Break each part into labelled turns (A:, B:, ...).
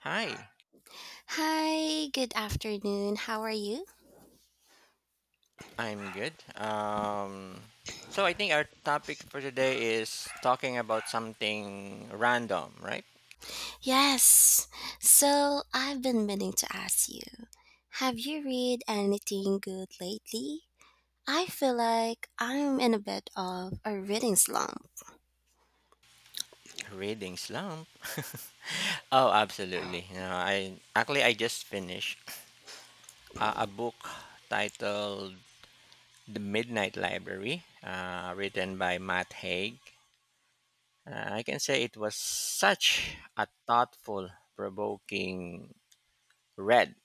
A: Hi,
B: Hi, good afternoon. How are you?
A: I'm good. Um, so I think our topic for today is talking about something random, right?
B: Yes. So, I've been meaning to ask you. Have you read anything good lately? I feel like I'm in a bit of a reading slump.
A: Reading slump. Oh, absolutely. You know, I just finished a book titled "The Midnight Library," written by Matt Haig. I can say it was such a thoughtful, provoking read.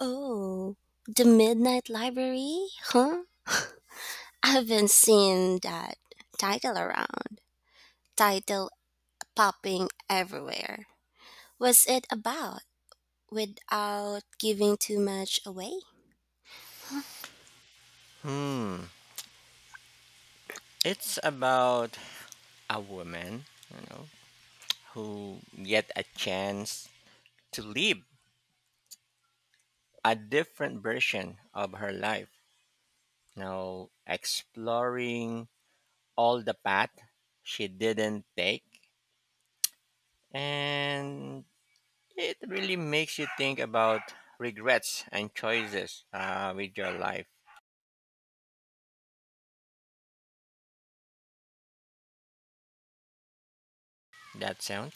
B: Oh, The Midnight Library? Huh? I've been seeing that title around. Title popping everywhere. Was it about without giving too much away?
A: Hmm. It's about a woman, you know, who get a chance to live a different version of her life. Now, exploring all the path she didn't take, and it really makes you think about regrets and choices with your life. That sound?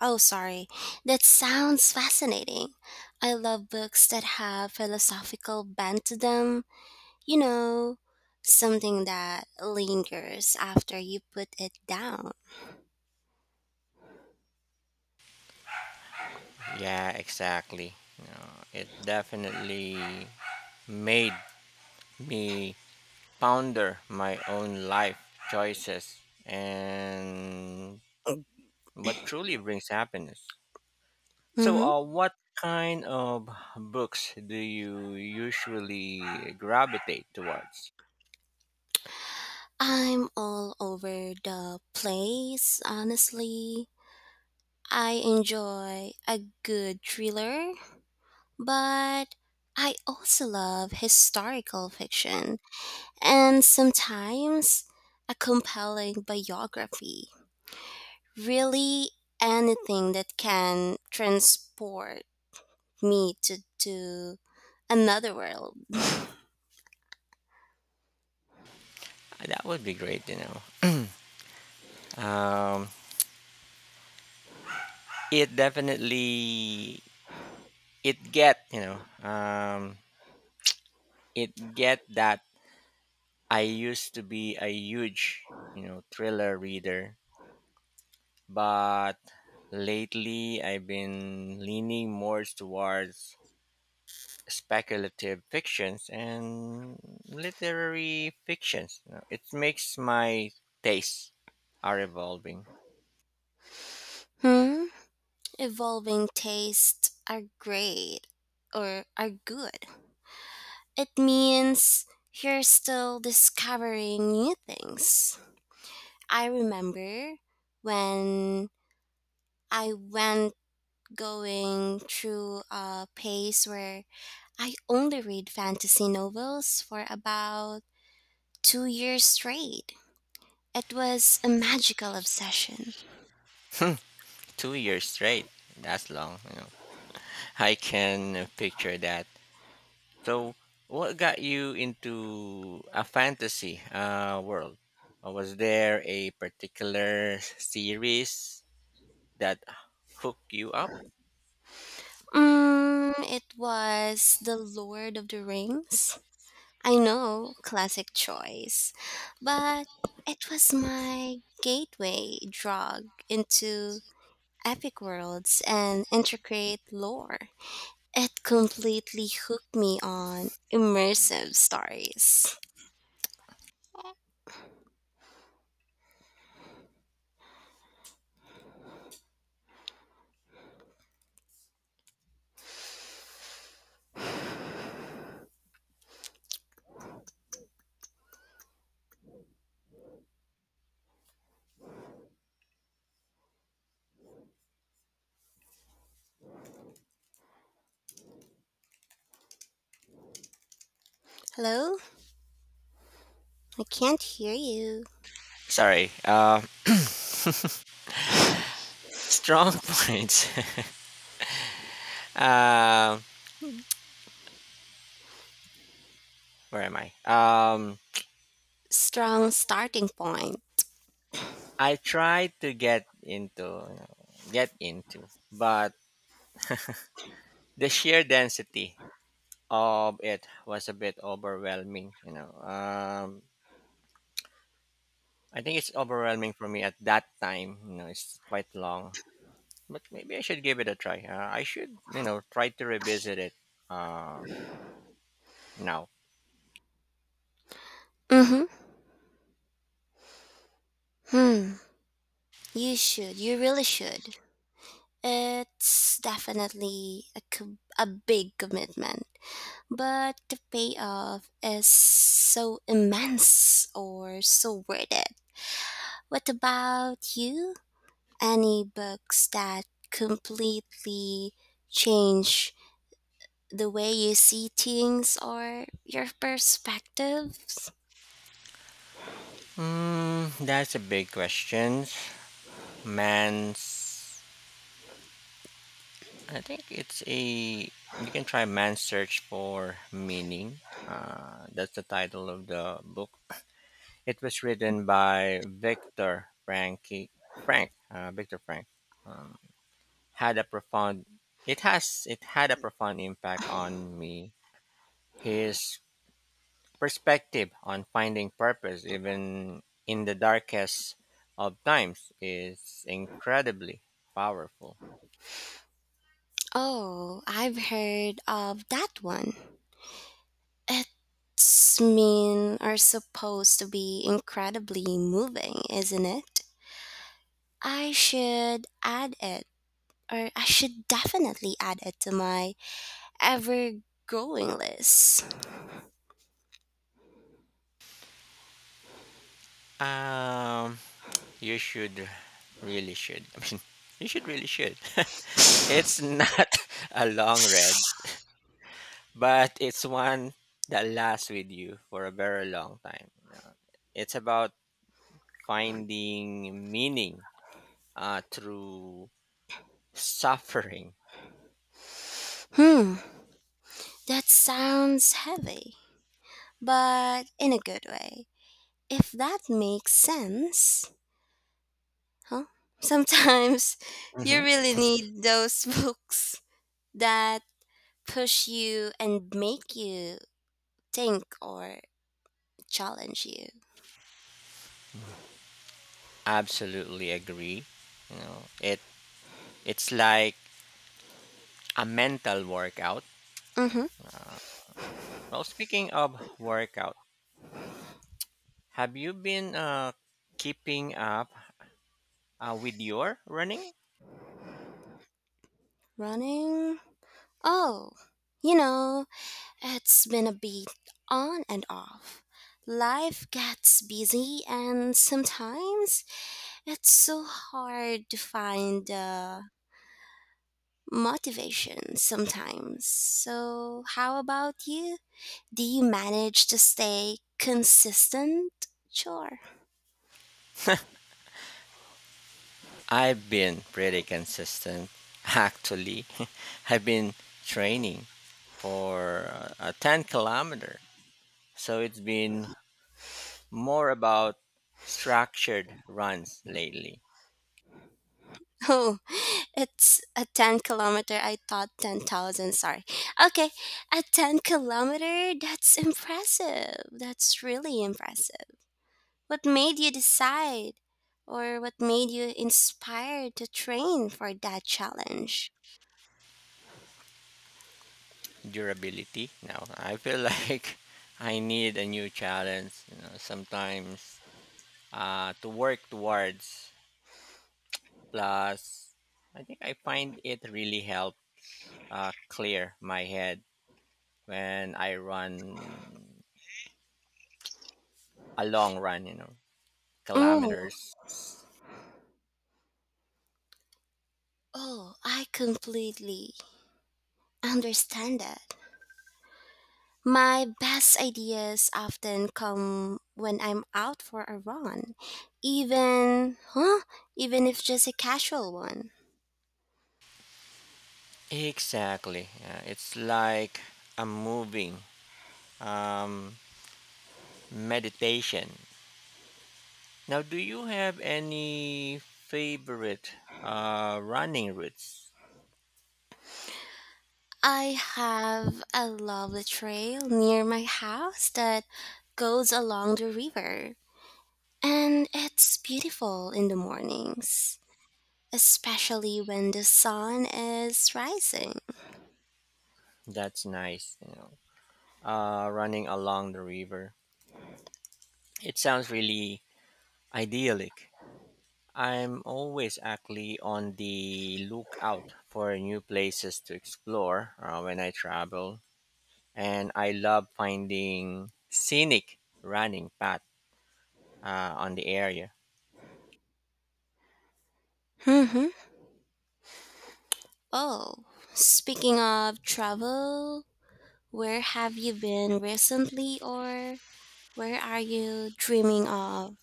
B: Oh, sorry. That sounds fascinating. I love books that have philosophical bent to them, you know, something that lingers after you put it down.
A: Yeah, exactly. No, it definitely made me ponder my own life choices and what truly brings happiness. So,
B: hmm
A: what kind of books do you usually gravitate towards?
B: I'm all over the place, honestly. I enjoy a good thriller, but I also love historical fiction and sometimes a compelling biography. Really anything that can transport me to another world.
A: That would be great, you know. Um, it definitely it get you know um, it get that I used to be a huge thriller reader, but lately I've been leaning more towards speculative fictions and literary fictions. You know, it makes my tastes are evolving.
B: Hmm? Evolving tastes are great or are good. It means you're still discovering new things. I remember when I went going through a pace where I only read fantasy novels for about 2 years straight. It was a magical obsession.
A: 2 years straight. That's long. You know. I can picture that. So, what got you into a fantasy world? Or was there a particular series that hooked you up?
B: It was The Lord of the Rings. I know, classic choice, but it was my gateway drug into epic worlds and intricate lore. It completely hooked me on immersive stories. Hello? I can't hear you.
A: Sorry. Strong points. Um where am I?
B: Strong starting point.
A: I tried to get into, but the sheer density of it was a bit overwhelming. You know, I think it's overwhelming for me at that time. You know, it's quite long, but maybe I should give it a try. I should, you know, try to revisit it uh, now.
B: Mm-hmm. Hmm. You should. You really should. It's definitely a big commitment, but the payoff is so immense or so worth it. What about you? Any books that completely change the way you see things or your perspectives?
A: Mm, that's a big question. Man's I think it's a you can try Man's Search for Meaning. That's the title of the book. It was written by Victor Frank. Um, had a profound it had a profound impact on me. His perspective on finding purpose even in the darkest of times is incredibly powerful.
B: Oh, I've heard of that one. It's mean are supposed to be incredibly moving, isn't it? I should add it, or I should definitely add it to my ever growing list.
A: Um You should really should. I mean, you should really should. It's not a long read, but it's one that lasts with you for a very long time. You know. It's about finding meaning through suffering.
B: Hmm, that sounds heavy, but in a good way. If that makes sense, huh? Sometimes you
A: Mhm.
B: really need those books that push you and make you think or challenge you.
A: Absolutely agree. You know, it's like a mental workout.
B: Mm-hmm.
A: Well, speaking of workout, have you been keeping up with your running?
B: Running? Oh, you know, it's been a bit on and off. Life gets busy, and sometimes it's so hard to find motivation. Sometimes. So, how about you? Do you manage to stay consistent? Sure.
A: I've been pretty consistent, actually. I've been training for a 10 kilometer, so it's been more about structured runs lately.
B: Oh, it's a 10 kilometer. I thought 10,000. Sorry. Okay. A 10 kilometer. That's impressive. That's really impressive. What made you decide or what made you inspired to train for that challenge?
A: Durability. Now, I feel like I need a new challenge, you know, sometimes to work towards. Plus, I think I find it really help clear my head when I run a long run, you know.
B: Mm.
A: Kilometers.
B: Oh, I completely understand that. My best ideas often come when I'm out for a run, even, huh? Even if just a casual one.
A: Exactly. Yeah, it's like a moving um, meditation. Now, do you have any favorite running routes?
B: I have a lovely trail near my house that goes along the river, and it's beautiful in the mornings, especially when the sun is rising.
A: That's nice, you know. Running along the river. It sounds really idyllic. I'm always actually on the lookout for new places to explore when I travel, and I love finding scenic running path on the area.
B: hmm Oh, speaking of travel, where have you been recently or where are you dreaming of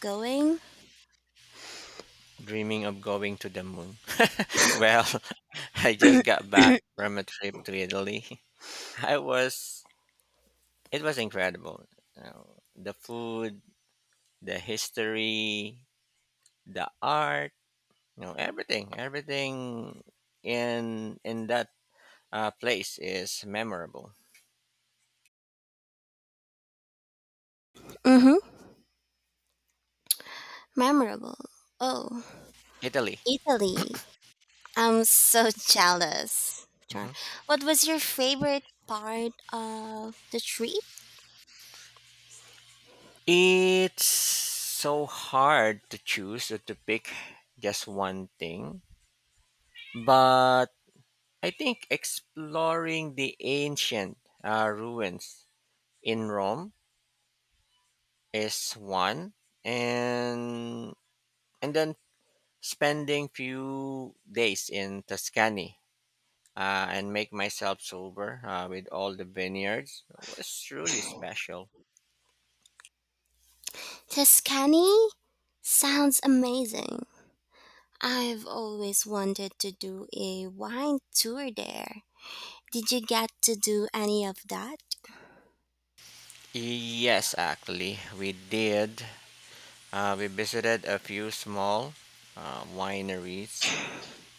B: going?
A: Dreaming of going to the moon. Well, I just got back from a trip to Italy. I was it was incredible. You know, the food, the history, the art, you know, everything in that place is memorable.
B: Mm-hmm. Memorable. Oh,
A: Italy.
B: Italy. I'm so jealous. Char.
A: Mm-hmm.
B: What was your favorite part of the trip?
A: It's so hard to choose or to pick just one thing, but I think exploring the ancient ruins in Rome is one, and then spending few days in Tuscany and make myself sober with all the vineyards was truly special.
B: Tuscany sounds amazing. I've always wanted to do a wine tour there. Did you get to do any of that?
A: Yes, actually, we did. We visited a few small wineries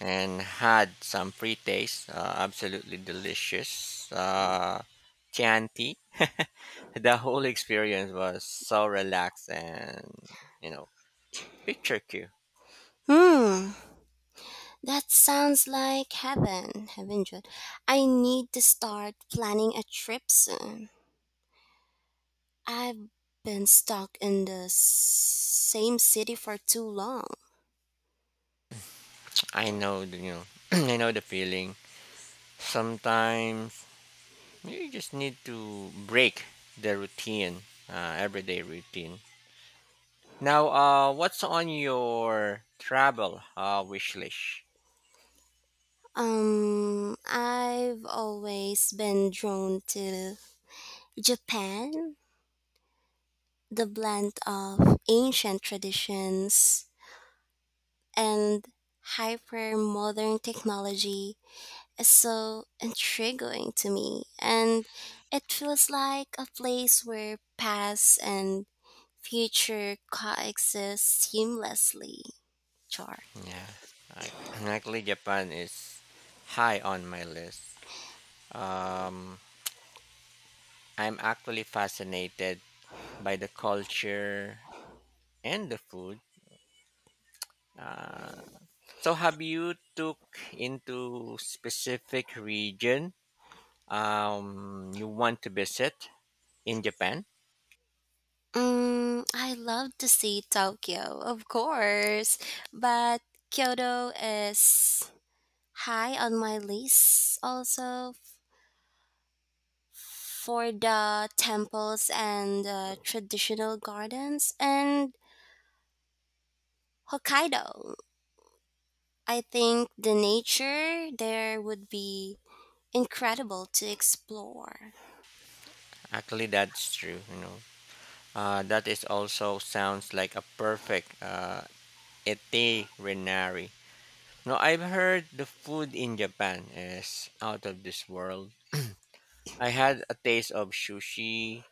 A: and had some free taste. Absolutely delicious. Chianti. The whole experience was so relaxed and, you know, picture cue.
B: Hmm, that sounds like heaven. Heaven, Jude. I need to start planning a trip soon. I've been stuck in the same city for too long.
A: I know the, you know I know the feeling. Sometimes you just need to break the routine, everyday routine. Now, what's on your travel wish list?
B: I've always been drawn to Japan, the blend of ancient traditions and hyper modern technology is so intriguing to me and it feels like a place where past and future coexist seamlessly, Char.
A: Yeah, I, actually, Japan is high on my list. Um, I'm actually fascinated by the culture and the food. Uh, so, have you took into specific region you want to visit in Japan?
B: I love to see Tokyo of course, but Kyoto is high on my list also for the temples and traditional gardens and Hokkaido. I think the nature there would be incredible to explore.
A: Actually, that's true. You know, that is also sounds like a perfect itinerary. No, I've heard the food in Japan is out of this world. I had a taste of sushi,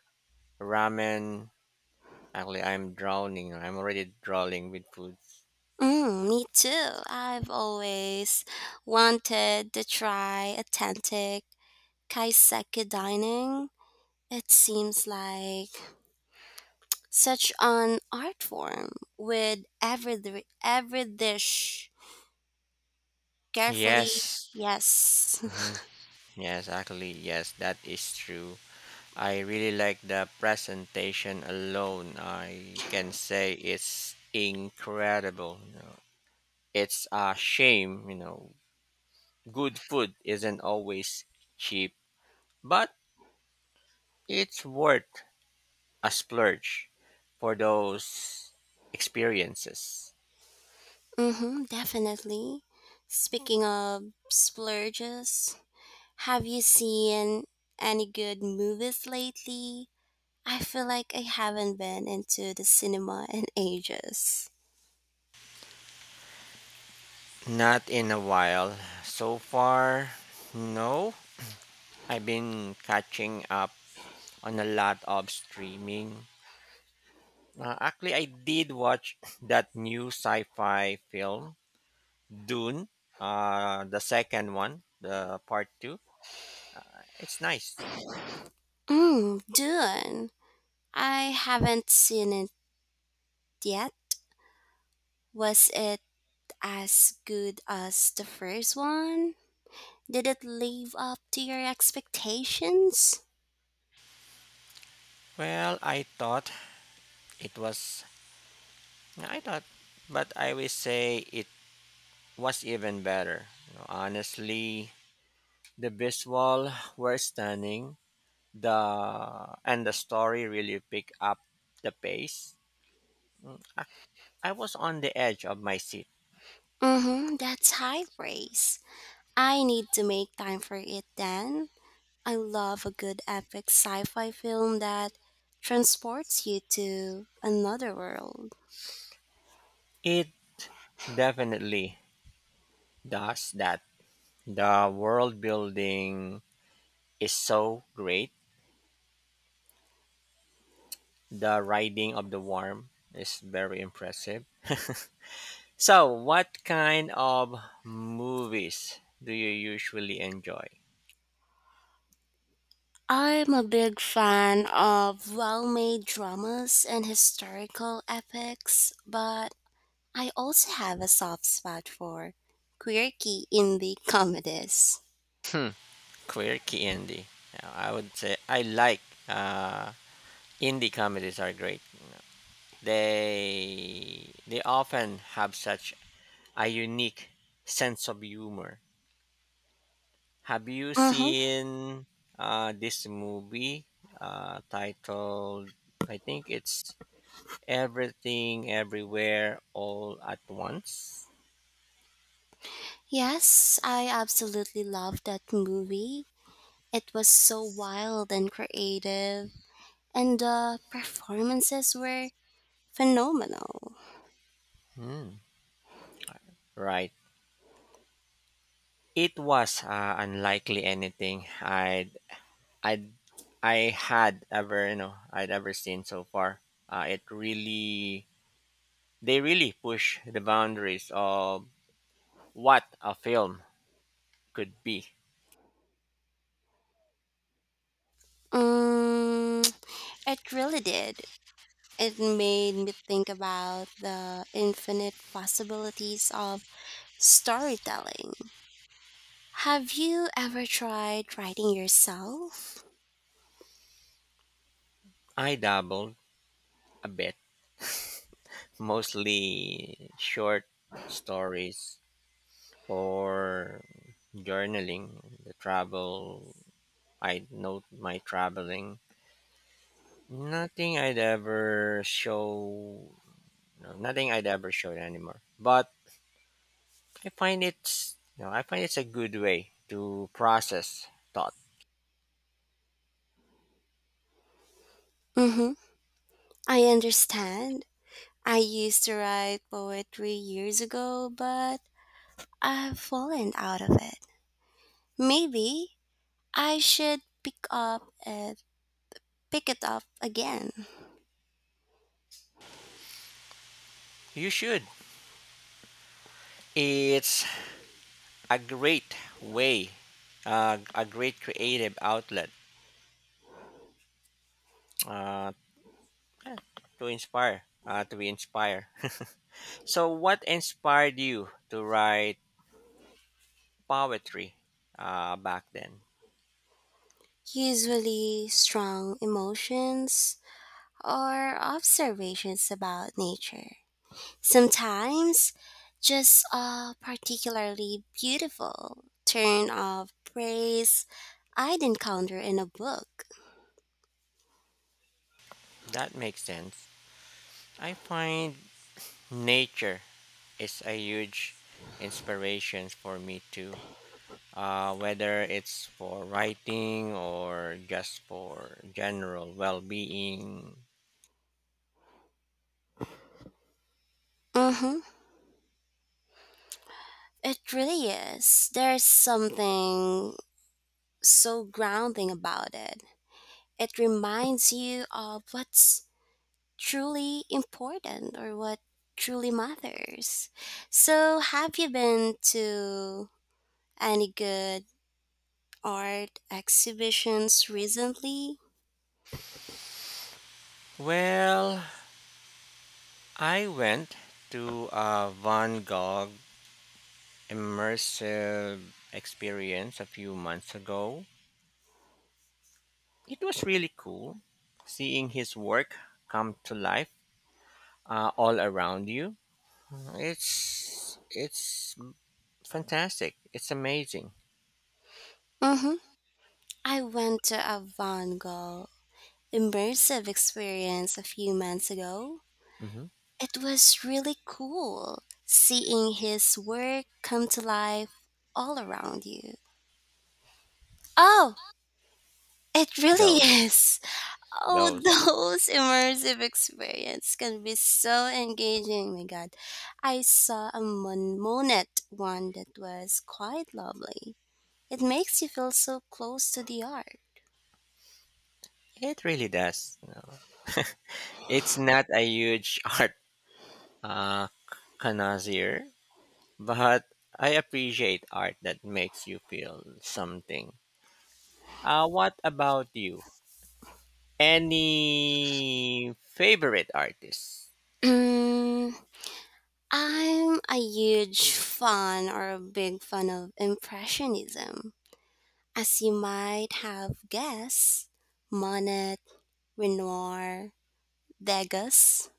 A: ramen. Actually, I'm drowning. I'm already drowning with food.
B: Mm, me too. I've always wanted to try authentic kaiseki dining. It seems like such an art form with every dish carefully.
A: Yes.
B: Yes.
A: Hmm. Yes, actually, yes, that is true. I really like the presentation alone. I can say it's incredible. You know, it's a shame, you know, good food isn't always cheap, but it's worth a splurge for those experiences.
B: Mm-hmm, definitely. Speaking of splurges, have you seen any good movies lately? I feel like I haven't been into the cinema in ages.
A: Not in a while. So far, no. I've been catching up on a lot of streaming. Actually, I did watch that new sci-fi film, Dune, the second one, the part two. It's nice.
B: Mm, Dune. I haven't seen it yet. Was it as good as the first one? Did it live up to your expectations?
A: Well, I thought it was. I thought, but I will say it was even better. You know, honestly, the visual were stunning. The and the story really picked up the pace. I, I was on the edge of my seat.
B: Mm-hmm, that's high praise. I need to make time for it then. I love a good epic sci fi film that transports you to another world.
A: It definitely does that. The world building is so great. The riding of the worm is very impressive. So, what kind of movies do you usually enjoy?
B: I'm a big fan of well made dramas and historical epics, but I also have a soft spot for quirky indie comedies.
A: Hmm, quirky Andy. I would say I like uh, Indie comedies are great. They often have such a unique sense of humor. Have you
B: Mm-hmm.
A: seen this movie titled? I think it's Everything Everywhere All at Once.
B: Yes, I absolutely loved that movie. It was so wild and creative, and the performances were phenomenal.
A: Hmm. Right. It was unlikely anything I'd I had ever, I'd ever seen so far. It really They really push the boundaries of what a film could be.
B: Mm, it really did. It made me think about the infinite possibilities of storytelling. Have you ever tried writing yourself?
A: I dabbled a bit, mostly short stories or journaling the travel. I note my traveling. Nothing I'd ever show, no, nothing I'd ever show anymore. But I find I find it's a good way to process thought.
B: Mm-hmm. I understand. I used to write poetry years ago, but I've fallen out of it. Maybe I should pick it up again.
A: You should. It's a great way, a great creative outlet uh, yeah, to inspire, to be inspired. So, what inspired you to write poetry back then?
B: Usually strong emotions or observations about nature. Sometimes, just a particularly beautiful turn of phrase I'd encounter in a book.
A: That makes sense. I find nature is a huge inspiration for me too. Whether it's for writing or just for general well being.
B: Mm-hmm. It really is. There's something so grounding about it. It reminds you of what's truly important or what truly matters. So, have you been to any good art exhibitions recently?
A: Well, I went to a Van Gogh immersive experience a few months ago. It was really cool seeing his work come to life all around you. It's fantastic. It's amazing.
B: hmm I went to a Van Gogh immersive experience a few months ago.
A: Hmm.
B: It was really cool seeing his work come to life all around you. Oh, it really
A: Those
B: is. Oh,
A: those
B: those immersive experiences can be so engaging. My God, I saw a Monet one that was quite lovely. It makes you feel so close to the art.
A: it really does. You know. It's not a huge art uh, connoisseur, but I appreciate art that makes you feel something. What about you? Any favorite artists?
B: Mm, I'm a huge fan or a big fan of Impressionism. As you might have guessed, Monet, Renoir, Degas.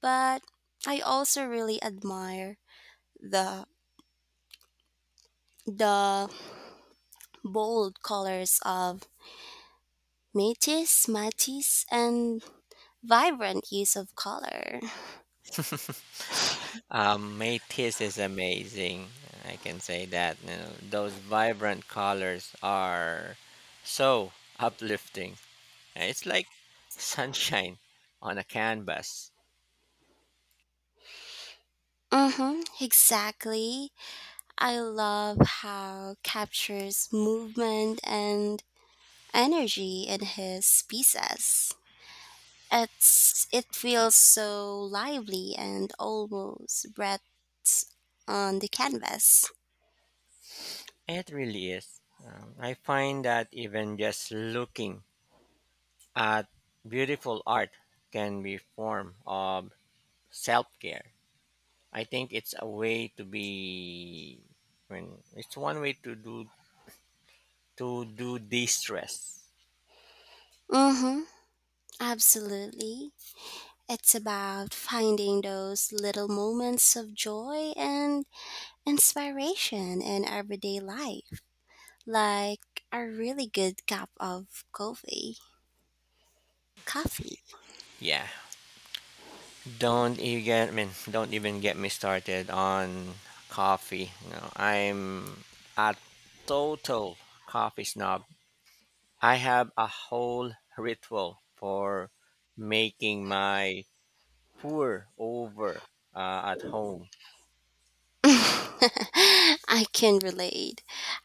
B: But I also really admire the the bold colors of Matisse, and vibrant use of color.
A: Matisse is amazing. I can say that. You know, those vibrant colors are so uplifting. It's like sunshine on a canvas.
B: Mm-hmm, exactly. I love how captures movement and energy in his pieces. It's it feels so lively and almost breaths on the canvas.
A: It really is. I find that even just looking at beautiful art can be form of self-care. I think it's a way to be when it's one way to do de-stress.
B: Mm-hmm. Absolutely. It's about finding those little moments of joy and inspiration in everyday life, like a really good cup of coffee. Coffee.
A: Yeah, don't even get I mean, don't even get me started on coffee. You know, I'm a total coffee snob. I have a whole ritual for making my pour over at home.
B: I can relate.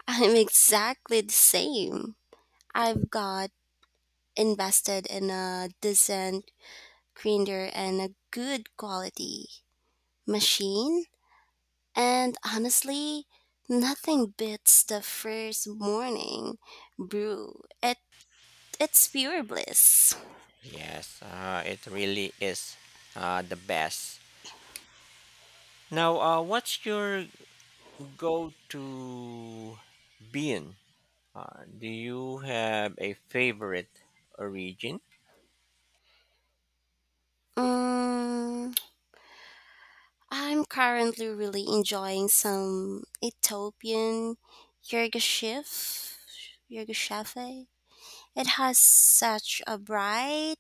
B: I'm exactly the same. I've got invested in a decent grinder and a good quality machine, and honestly, nothing beats the first morning brew. It it's pure bliss.
A: Yes, it really is the best. Now, what's your go to Bien, do you have a favorite origin?
B: Mm, I'm currently really enjoying some Ethiopian Yergashif Chef. It has such a bright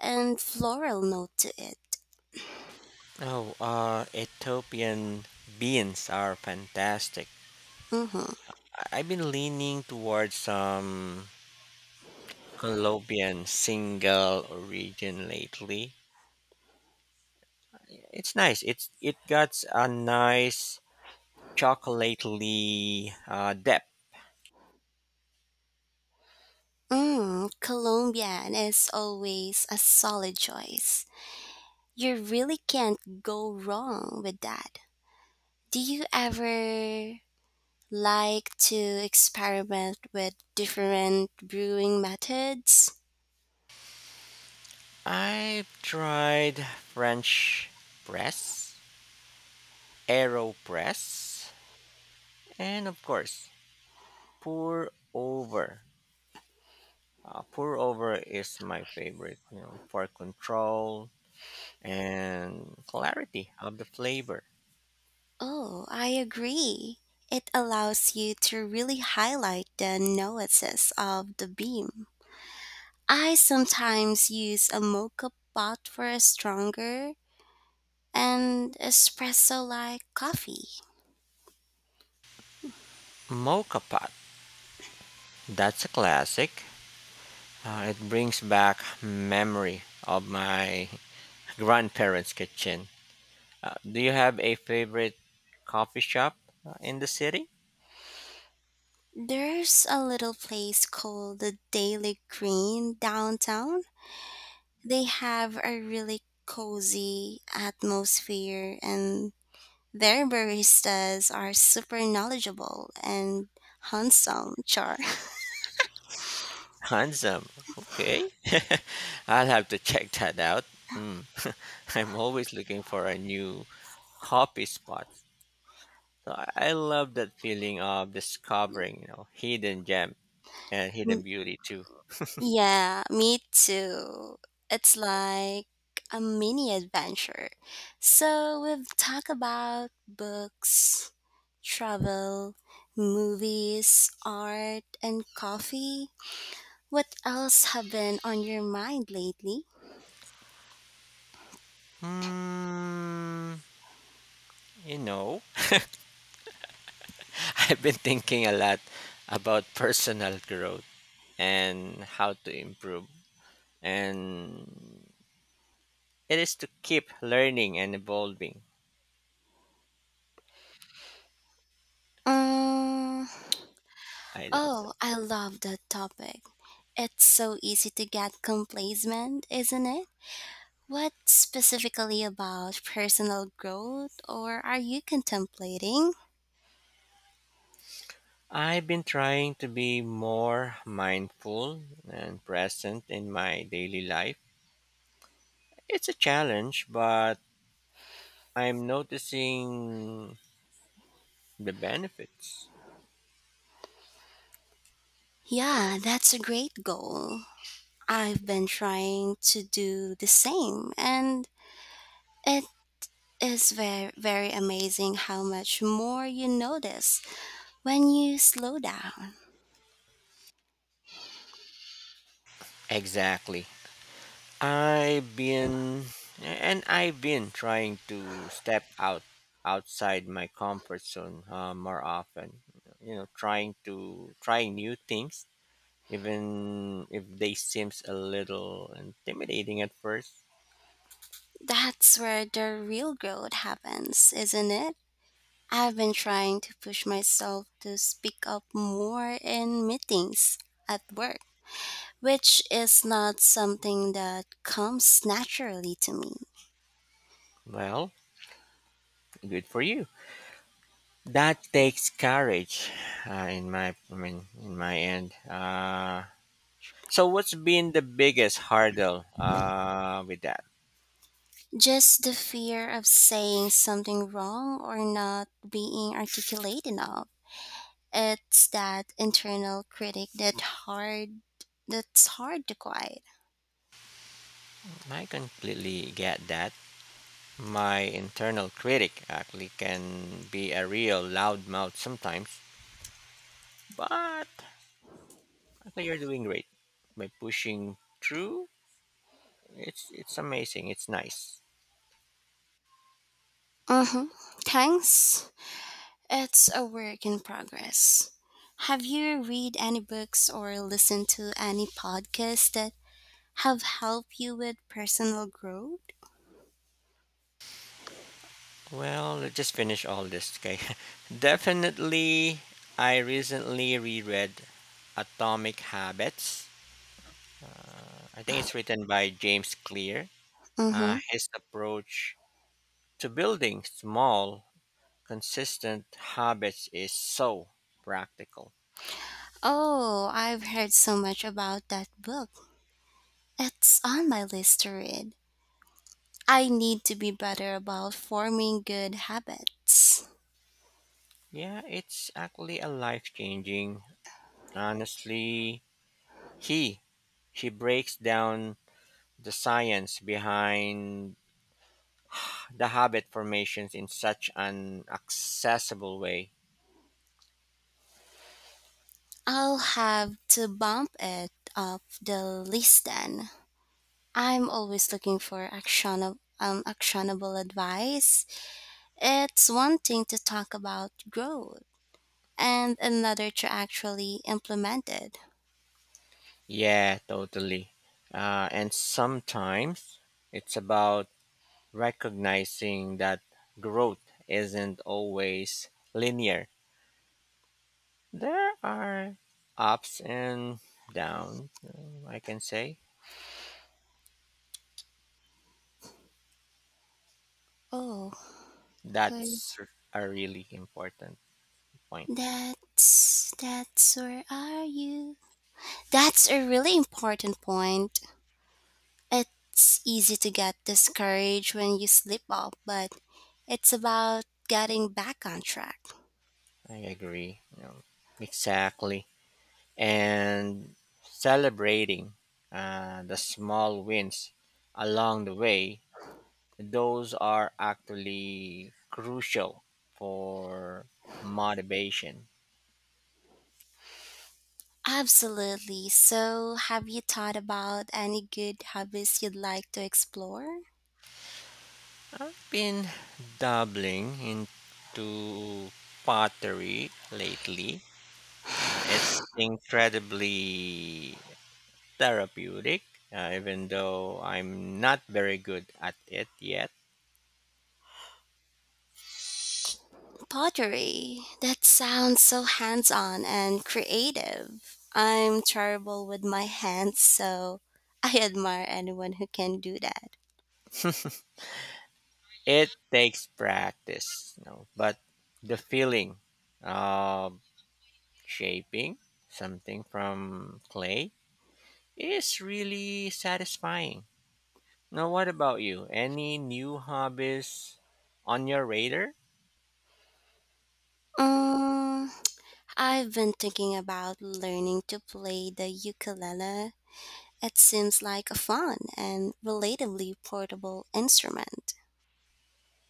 B: and floral note to it.
A: Oh, Ethiopian beans are fantastic.
B: Mm-hmm.
A: I've been leaning towards some Colombian single origin lately. It's nice. It got a nice chocolately depth.
B: Colombian is always a solid choice. You really can't go wrong with that. Do you ever like to experiment with different brewing methods?
A: I've tried French press, Aeropress, and of course pour over. Pour over is my favorite, you know, for control and clarity of the flavor.
B: Oh, I agree. It allows you to really highlight the nuances of the bean. I sometimes use a mocha pot for a stronger and espresso like coffee.
A: Mocha pot, that's a classic. It brings back memory of my grandparents' kitchen. Do you have a favorite coffee shop in the city?
B: There's a little place called the Daily Green downtown. They have a really cozy atmosphere, and their baristas are super knowledgeable and handsome, Char.
A: Handsome. Okay. I'll have to check that out. Mm. I'm always looking for a new coffee spot. So I love that feeling of discovering, you know, hidden gem and hidden beauty too.
B: Yeah, me too. It's like a mini adventure. So we've talked about books, travel, movies, art, and coffee. What else have been on your mind lately?
A: Hmm, you know, I've been thinking a lot about personal growth and how to improve. And it is to keep learning and evolving.
B: Um,
A: I love that.
B: oh, I love that topic. It's so easy to get complacent, isn't it? What specifically about personal growth or are you contemplating?
A: I've been trying to be more mindful and present in my daily life. It's a challenge, but I'm noticing the benefits.
B: Yeah, that's a great goal. I've been trying to do the same, and it is very, very amazing how much more you notice when you slow down.
A: Exactly. I've been I've been trying to step out outside my comfort zone more often. You know, trying new things, even if they seems a little intimidating at first.
B: That's where the real growth happens, isn't it? I've been trying to push myself to speak up more in meetings at work, which is not something that comes naturally to me.
A: Well, good for you. That takes courage. I mean, in my end. So, what's been the biggest hurdle with that?
B: Just the fear of saying something wrong or not being articulate enough. It's that internal critic that's hard to quiet.
A: I completely get that. My internal critic actually can be a real loudmouth sometimes, but actually you're doing great by pushing through. It's amazing. It's nice.
B: Mm-hmm. Thanks. It's a work in progress. Have you read any books or listened to any podcasts that have helped you with personal growth?
A: Well, let's just finish all this, okay? Definitely, I recently reread Atomic Habits. I think it's written by James Clear.
B: Mm-hmm.
A: His approach to building small, consistent habits is so practical.
B: Oh, I've heard so much about that book. It's on my list to read. I need to be better about forming good habits.
A: Yeah, it's actually a life changing. Honestly, he he breaks down the science behind the habit formations in such an accessible way.
B: I'll have to bump it up the list then. I'm always looking for actionable advice. It's one thing to talk about growth and another to actually implement it.
A: Yeah, totally. And sometimes it's about recognizing that growth isn't always linear. There are ups and downs, I can say.
B: Oh, well,
A: That's r- are really important. Point.
B: that's where are you? That's a really important point. It's easy to get discouraged when you slip up, but it's about getting back on track.
A: I agree. You know, exactly. And celebrating the small wins along the way, those are actually crucial for motivation.
B: Absolutely. So, have you thought about any good hobbies you'd like to explore?
A: Been dabbling into pottery lately. It's incredibly therapeutic, even though I'm not very good at it yet.
B: Pottery. That sounds so hands on and creative. I'm terrible with my hands, so I admire anyone who can do that.
A: It takes practice, you know, but the feeling of shaping something from clay is really satisfying. Now, what about you? Any new hobbies on your radar?
B: Um, I've been thinking about learning to play the ukulele. It seems like a fun and relatively portable instrument.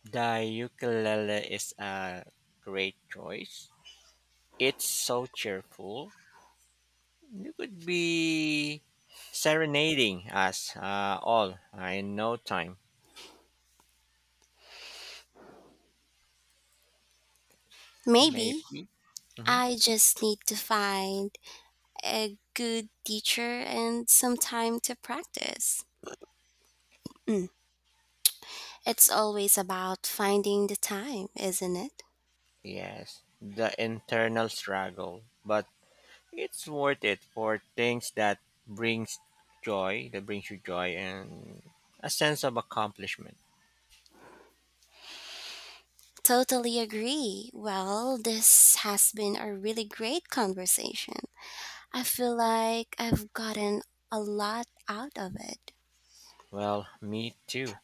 A: The ukulele is a great choice. It's so cheerful. You could be serenading us all in no time,
B: Maybe
A: maybe. Mhm.
B: I just need to find a good teacher and some time to practice. Mm, it's always about finding the time, isn't it?
A: Yes, the internal struggle, but it's worth it for things that brings that brings you joy and a sense of accomplishment.
B: Totally agree. Well, this has been a really great conversation. I feel like I've gotten a lot out of it.
A: Well, me too.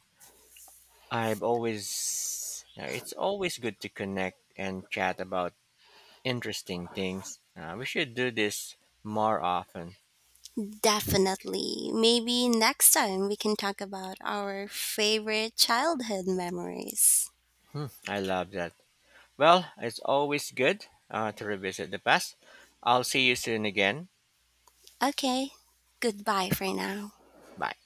A: It's always good to connect and chat about interesting things. We should do this more often.
B: Definitely. Maybe next time we can talk about our favorite childhood memories.
A: Hmm, I love that. Well, it's always good to revisit the past. I'll see you soon again.
B: Okay, goodbye for now.
A: Bye.